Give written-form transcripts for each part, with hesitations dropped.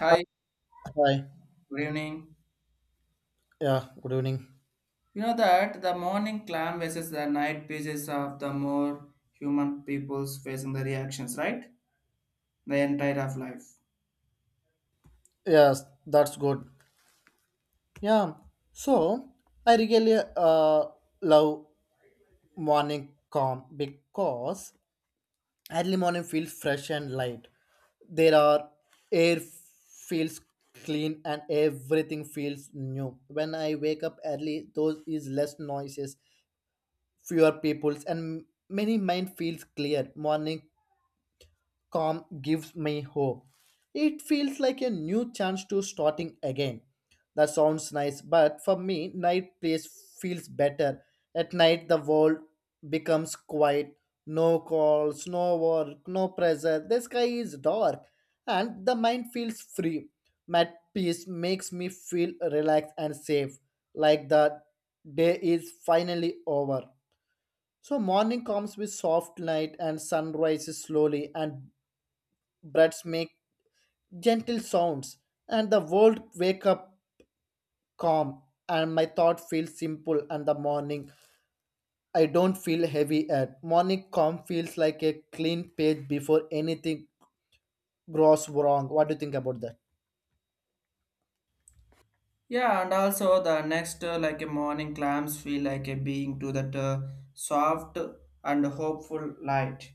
Hi, Hi. good evening. Yeah, good evening. You know that the morning clam versus the night pages of the more human peoples facing the reactions, right? The entire of life. Yes, that's good. Yeah. So I really love morning calm because early morning feels fresh and light. There are air feels clean and everything feels new. When I wake up early, those is less noises, fewer peoples and many mind feels clear. Morning calm gives me hope. It feels like a new chance to starting again. That sounds nice, but for me, night place feels better. At night, the world becomes quiet. No calls, no work, no pressure. The sky is dark, and the mind feels free. Mat peace makes me feel relaxed and safe, like the day is finally over. So morning comes with soft light and sun rises slowly and birds make gentle sounds, and the world wake up calm, and my thought feels simple, and the morning I don't feel heavy at. Morning calm feels like a clean page before anything grows wrong. What do you think about that? Yeah, and also the next like a morning clams feel like a being to that soft and hopeful light,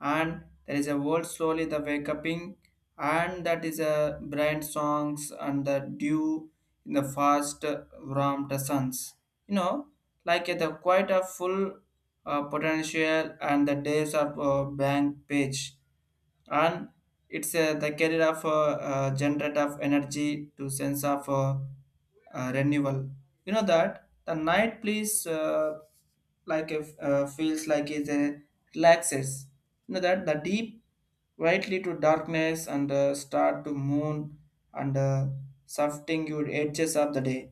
and there is a world slowly the wake uping, and that is a bright songs and the dew in the fast warm the suns. You know, like the quite a full potential and the days of blank page and it's the career of generate of energy to sense of renewal. You know that the night please like if feels like it relaxes. You know that the deep rightly to darkness and start to moon and softening your edges of the day,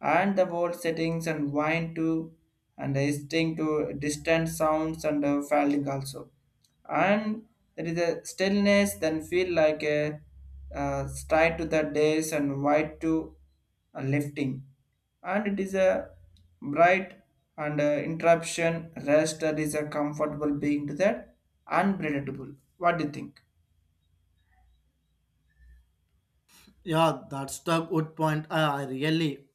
and the world settings and wine too and listening to distant sounds and falling also, and there is a stillness then feel like a stride to the days and white to a lifting, and it is a bright and interruption rest that is a comfortable being to that unpredictable. What do you think? Yeah, that's the good point. I really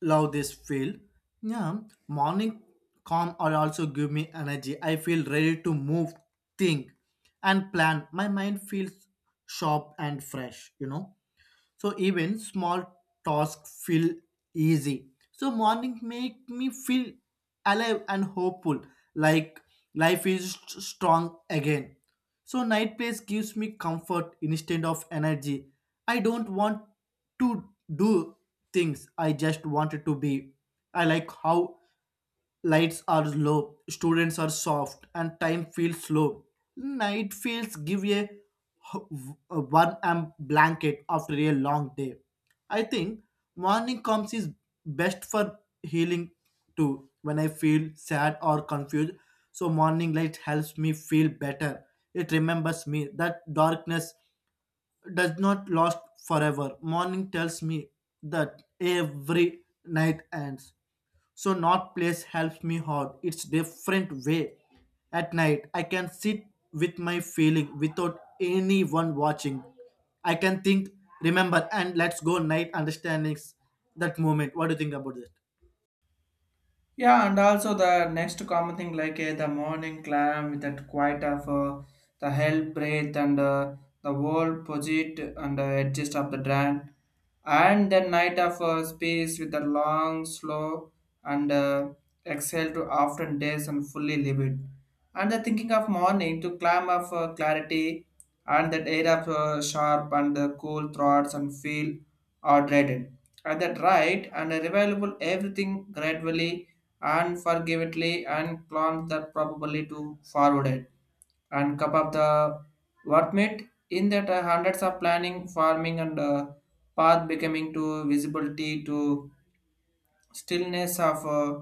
love this field. Yeah, morning calm are also give me energy. I feel ready to move, think, and plan. My mind feels sharp and fresh, you know. So even small tasks feel easy, so morning make me feel alive and hopeful, like life is strong again. So night place gives me comfort instead of energy. I don't want to do things, I just wanted to be. I like how lights are low, students are soft, and time feels slow. Night feels give a one amp blanket after a long day. I think morning comes is best for healing too. When I feel sad or confused, so morning light helps me feel better. It remembers me that darkness does not last forever. Morning tells me that every night ends, so not place helps me hard. It's different way. At night I can sit with my feeling without anyone watching. I can think, remember and let's go night understandings that moment. What do you think about that? Yeah, and also the next common thing like the morning clam with that quiet of the hell breath and the wall posit and edges of the dran, and then night of space with the long, slow and exhale to often days and fully livid, and the thinking of morning to climb of clarity, and that air of sharp and the cool throats and feel are dreaded, and that right and available everything gradually and forgivably and clomp that probably to forward it and cup of the what made in that hundreds of planning farming and path becoming to visibility to stillness of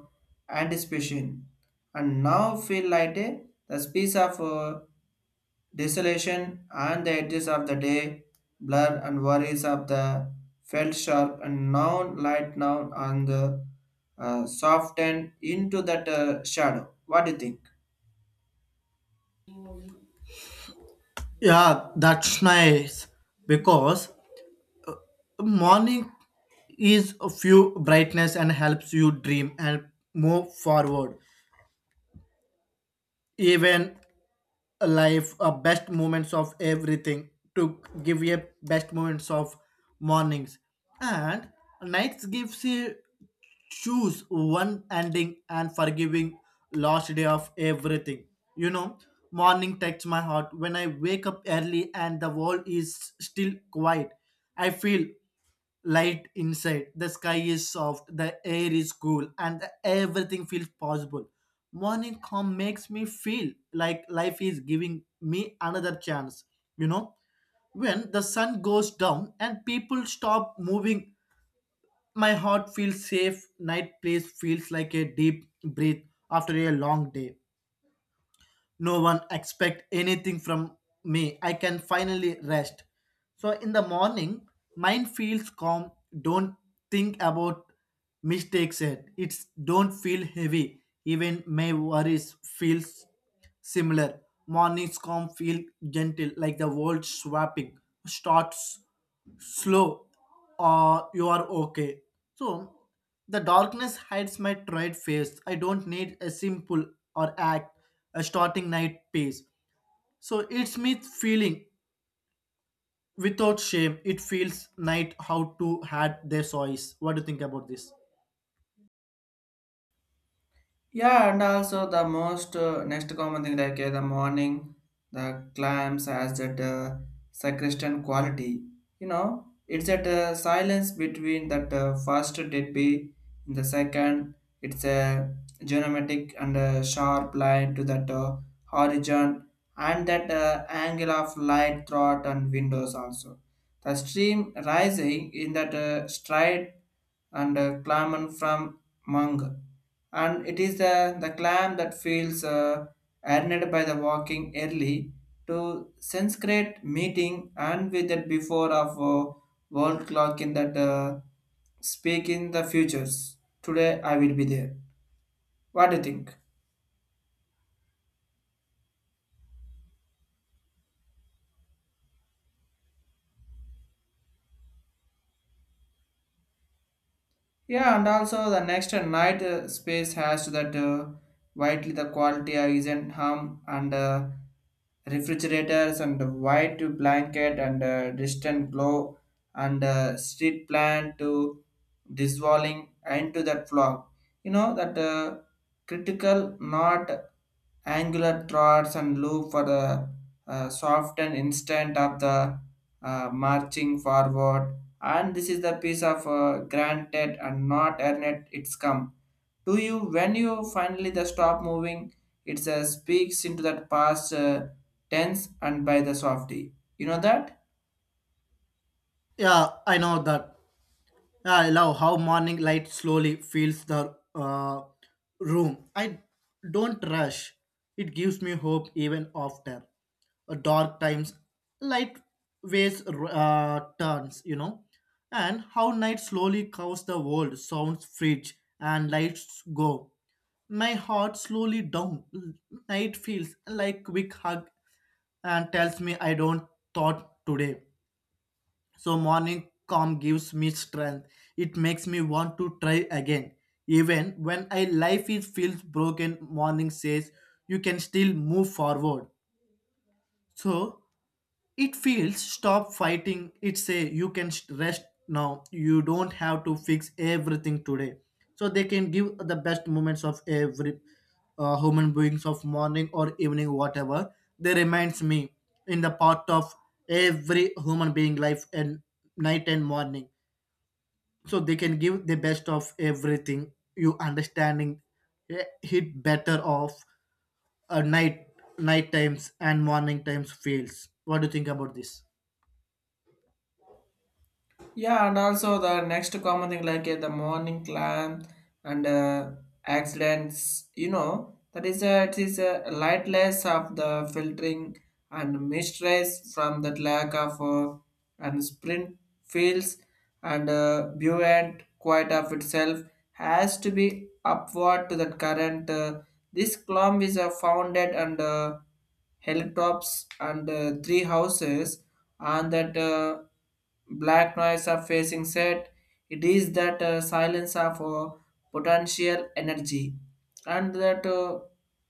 anticipation, and now feel like a the space of desolation and the edges of the day, blur and worries of the felt sharp and now light now on the softened into that shadow. What do you think? Yeah, that's nice, because morning is a few brightness and helps you dream and move forward even life best moments of everything to give you best moments of mornings, and nights gives you choose one ending and forgiving last day of everything, you know. Morning takes my heart when I wake up early and the world is still quiet. I feel light inside. The sky is soft, the air is cool and everything feels possible. Morning calm makes me feel like life is giving me another chance, you know. When the sun goes down and people stop moving, my heart feels safe. Night place feels like a deep breath after a long day. No one expect anything from me. I can finally rest. So in the morning, mind feels calm, don't think about mistakes yet. It's don't feel heavy, even my worries feels similar. Morning's calm feel gentle, like the world swapping starts slow or you are okay. So the darkness hides my tried face. I don't need a simple or act. A starting night piece, so it's me feeling without shame. It feels night how to had their choice. What do you think about this? Yeah, and also the most next common thing like the morning, the clams has that sacristan quality. You know, it's that silence between that first dead be in the second. It's a geometric and sharp line to that horizon and that angle of light throughout and windows also. The stream rising in that stride and climbing from Mung, and it is the clam that feels earned by the walking early to sense great meeting and with it before of world clock in that speak in the futures. Today I will be there. What do you think? Yeah, and also the next night space has that widely the quality isn't harm and refrigerators and white to blanket and distant glow and street plant to dissolving into that fog. You know that critical not angular throats and loop for the soft and instant of the marching forward, and this is the piece of granted and not earned. It's come to you when you finally the stop moving. It speaks into that past tense and by the softy, you know that. Yeah, I know that. Yeah, I love how morning light slowly fills the room. I don't rush. It gives me hope even after dark times. Light waves turns, you know, and how night slowly covers the world. Sounds fridge and lights go. My heart slowly down. Night feels like quick hug and tells me I don't thought today. So morning calm gives me strength. It makes me want to try again. Even when I life is feels broken, morning says you can still move forward. So it feels stop fighting. It say you can rest now. You don't have to fix everything today. So they can give the best moments of every human beings of morning or evening, whatever. They reminds me in the part of every human being life and night and morning. So they can give the best of everything. You understanding, eh, hit better of night night times and morning times feels. What do you think about this? Yeah, and also the next common thing like the morning climb and accidents, you know, that is a, it is a lightless of the filtering and mistress from that lack of and sprint fields and buoyant quite of itself has to be upward to the current. This column is founded and hilltops and three houses and that black noise of facing set. It is that silence of potential energy and that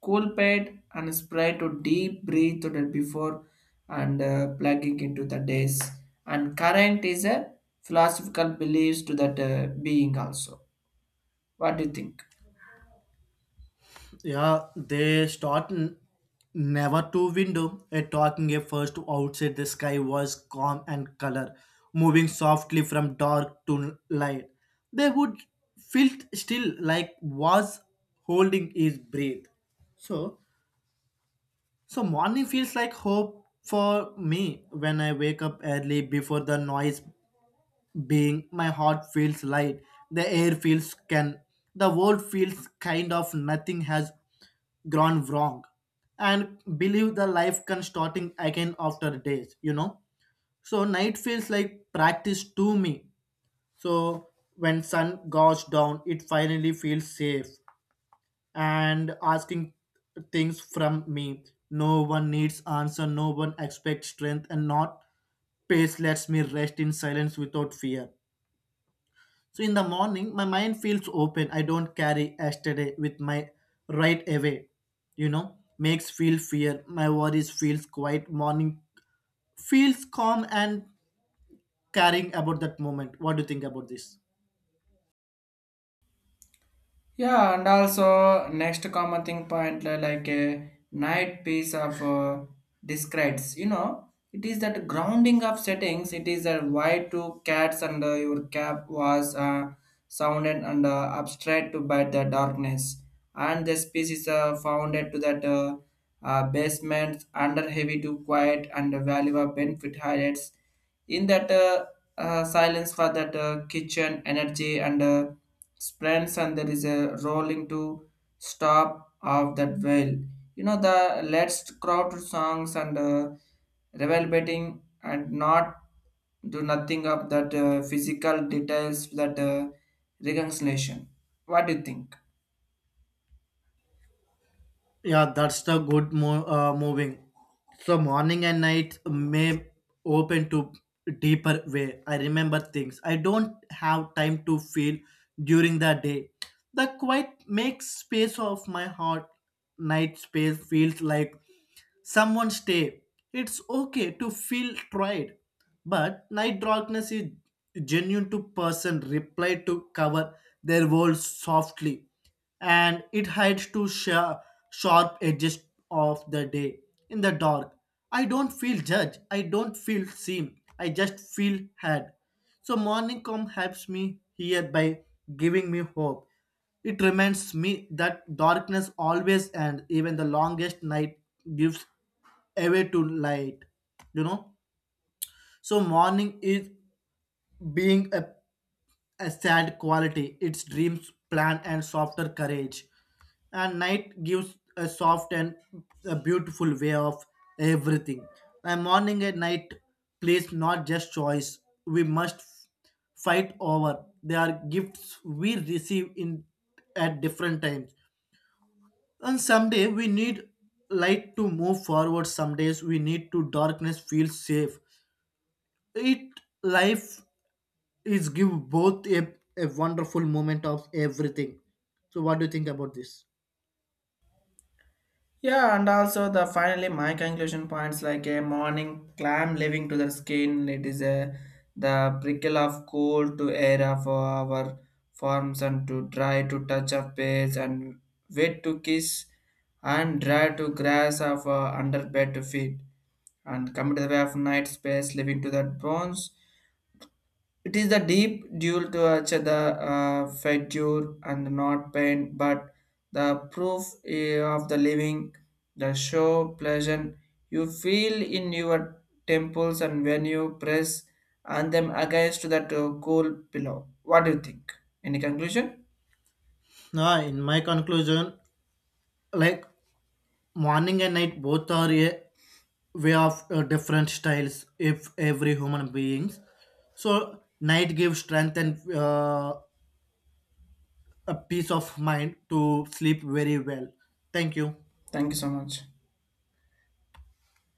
cool pad and spray to deep breathe to that before and plugging into the days, and current is a philosophical beliefs to that being also. What do you think? Yeah, they start never to window. A talking a first outside, the sky was calm and color, moving softly from dark to light. They would felt still like was holding his breath. So, so morning feels like hope for me when I wake up early before the noise being. My heart feels light, the air feels can, the world feels kind of nothing has gone wrong, and believe the life can starting again after days, you know. So night feels like practice to me. So when sun goes down it finally feels safe, and asking things from me. No one needs answer, no one expects strength, and not pace lets me rest in silence without fear. So in the morning, my mind feels open. I don't carry yesterday with my right away. You know, makes feel fear. My worries feels quiet. Morning feels calm and caring about that moment. What do you think about this? Yeah, and also next common thing point like a night piece of discretes. You know, it is that grounding of settings. It is that why two cats and your cap was sounded and abstract to by the darkness, and the species founded to that basement under heavy to quiet and valuable benefit highlights in that silence for that kitchen energy and. Sprints and there is a rolling to stop of that whale. You know the let's crowd songs and revel betting and not do nothing of that physical details that reconciliation. What do you think? Yeah, that's the good moving. So morning and night may open to deeper way. I remember things I don't have time to feel during the day. The quiet makes space of my heart. Night space feels like someone stay. It's okay to feel tried, but night darkness is genuine to person reply to cover their world softly, and it hides to sharp edges of the day. In the dark, I don't feel judged. I don't feel seen. I just feel heard. So morning calm helps me here by giving me hope. It reminds me that darkness always ends, even the longest night gives away to light. You know? So morning is being a sad quality. Its dreams, plan, and softer courage. And night gives a soft and a beautiful way of everything. A morning and night, please, not just choice. We must fight over. They are gifts we receive in at different times. And someday we need light to move forward. Some days we need to darkness feel safe. It life it's give both a wonderful moment of everything. So what do you think about this? Yeah, and also the finally my conclusion points like a morning clam living to the skin. It is a the prickle of cold to air of our forms and to dry to touch of page and wet to kiss and dry to grass of under bed to feed and come to the way of night space living to that bones. It is the deep duel to each the figure and not pain, but the proof of the living, the show pleasant you feel in your temples and when you press and them against that cool pillow. What do you think? Any conclusion? Nah, in my conclusion, like morning and night both are a way of different styles if every human beings. So night gives strength and a peace of mind to sleep very well. Thank you. Thank you so much.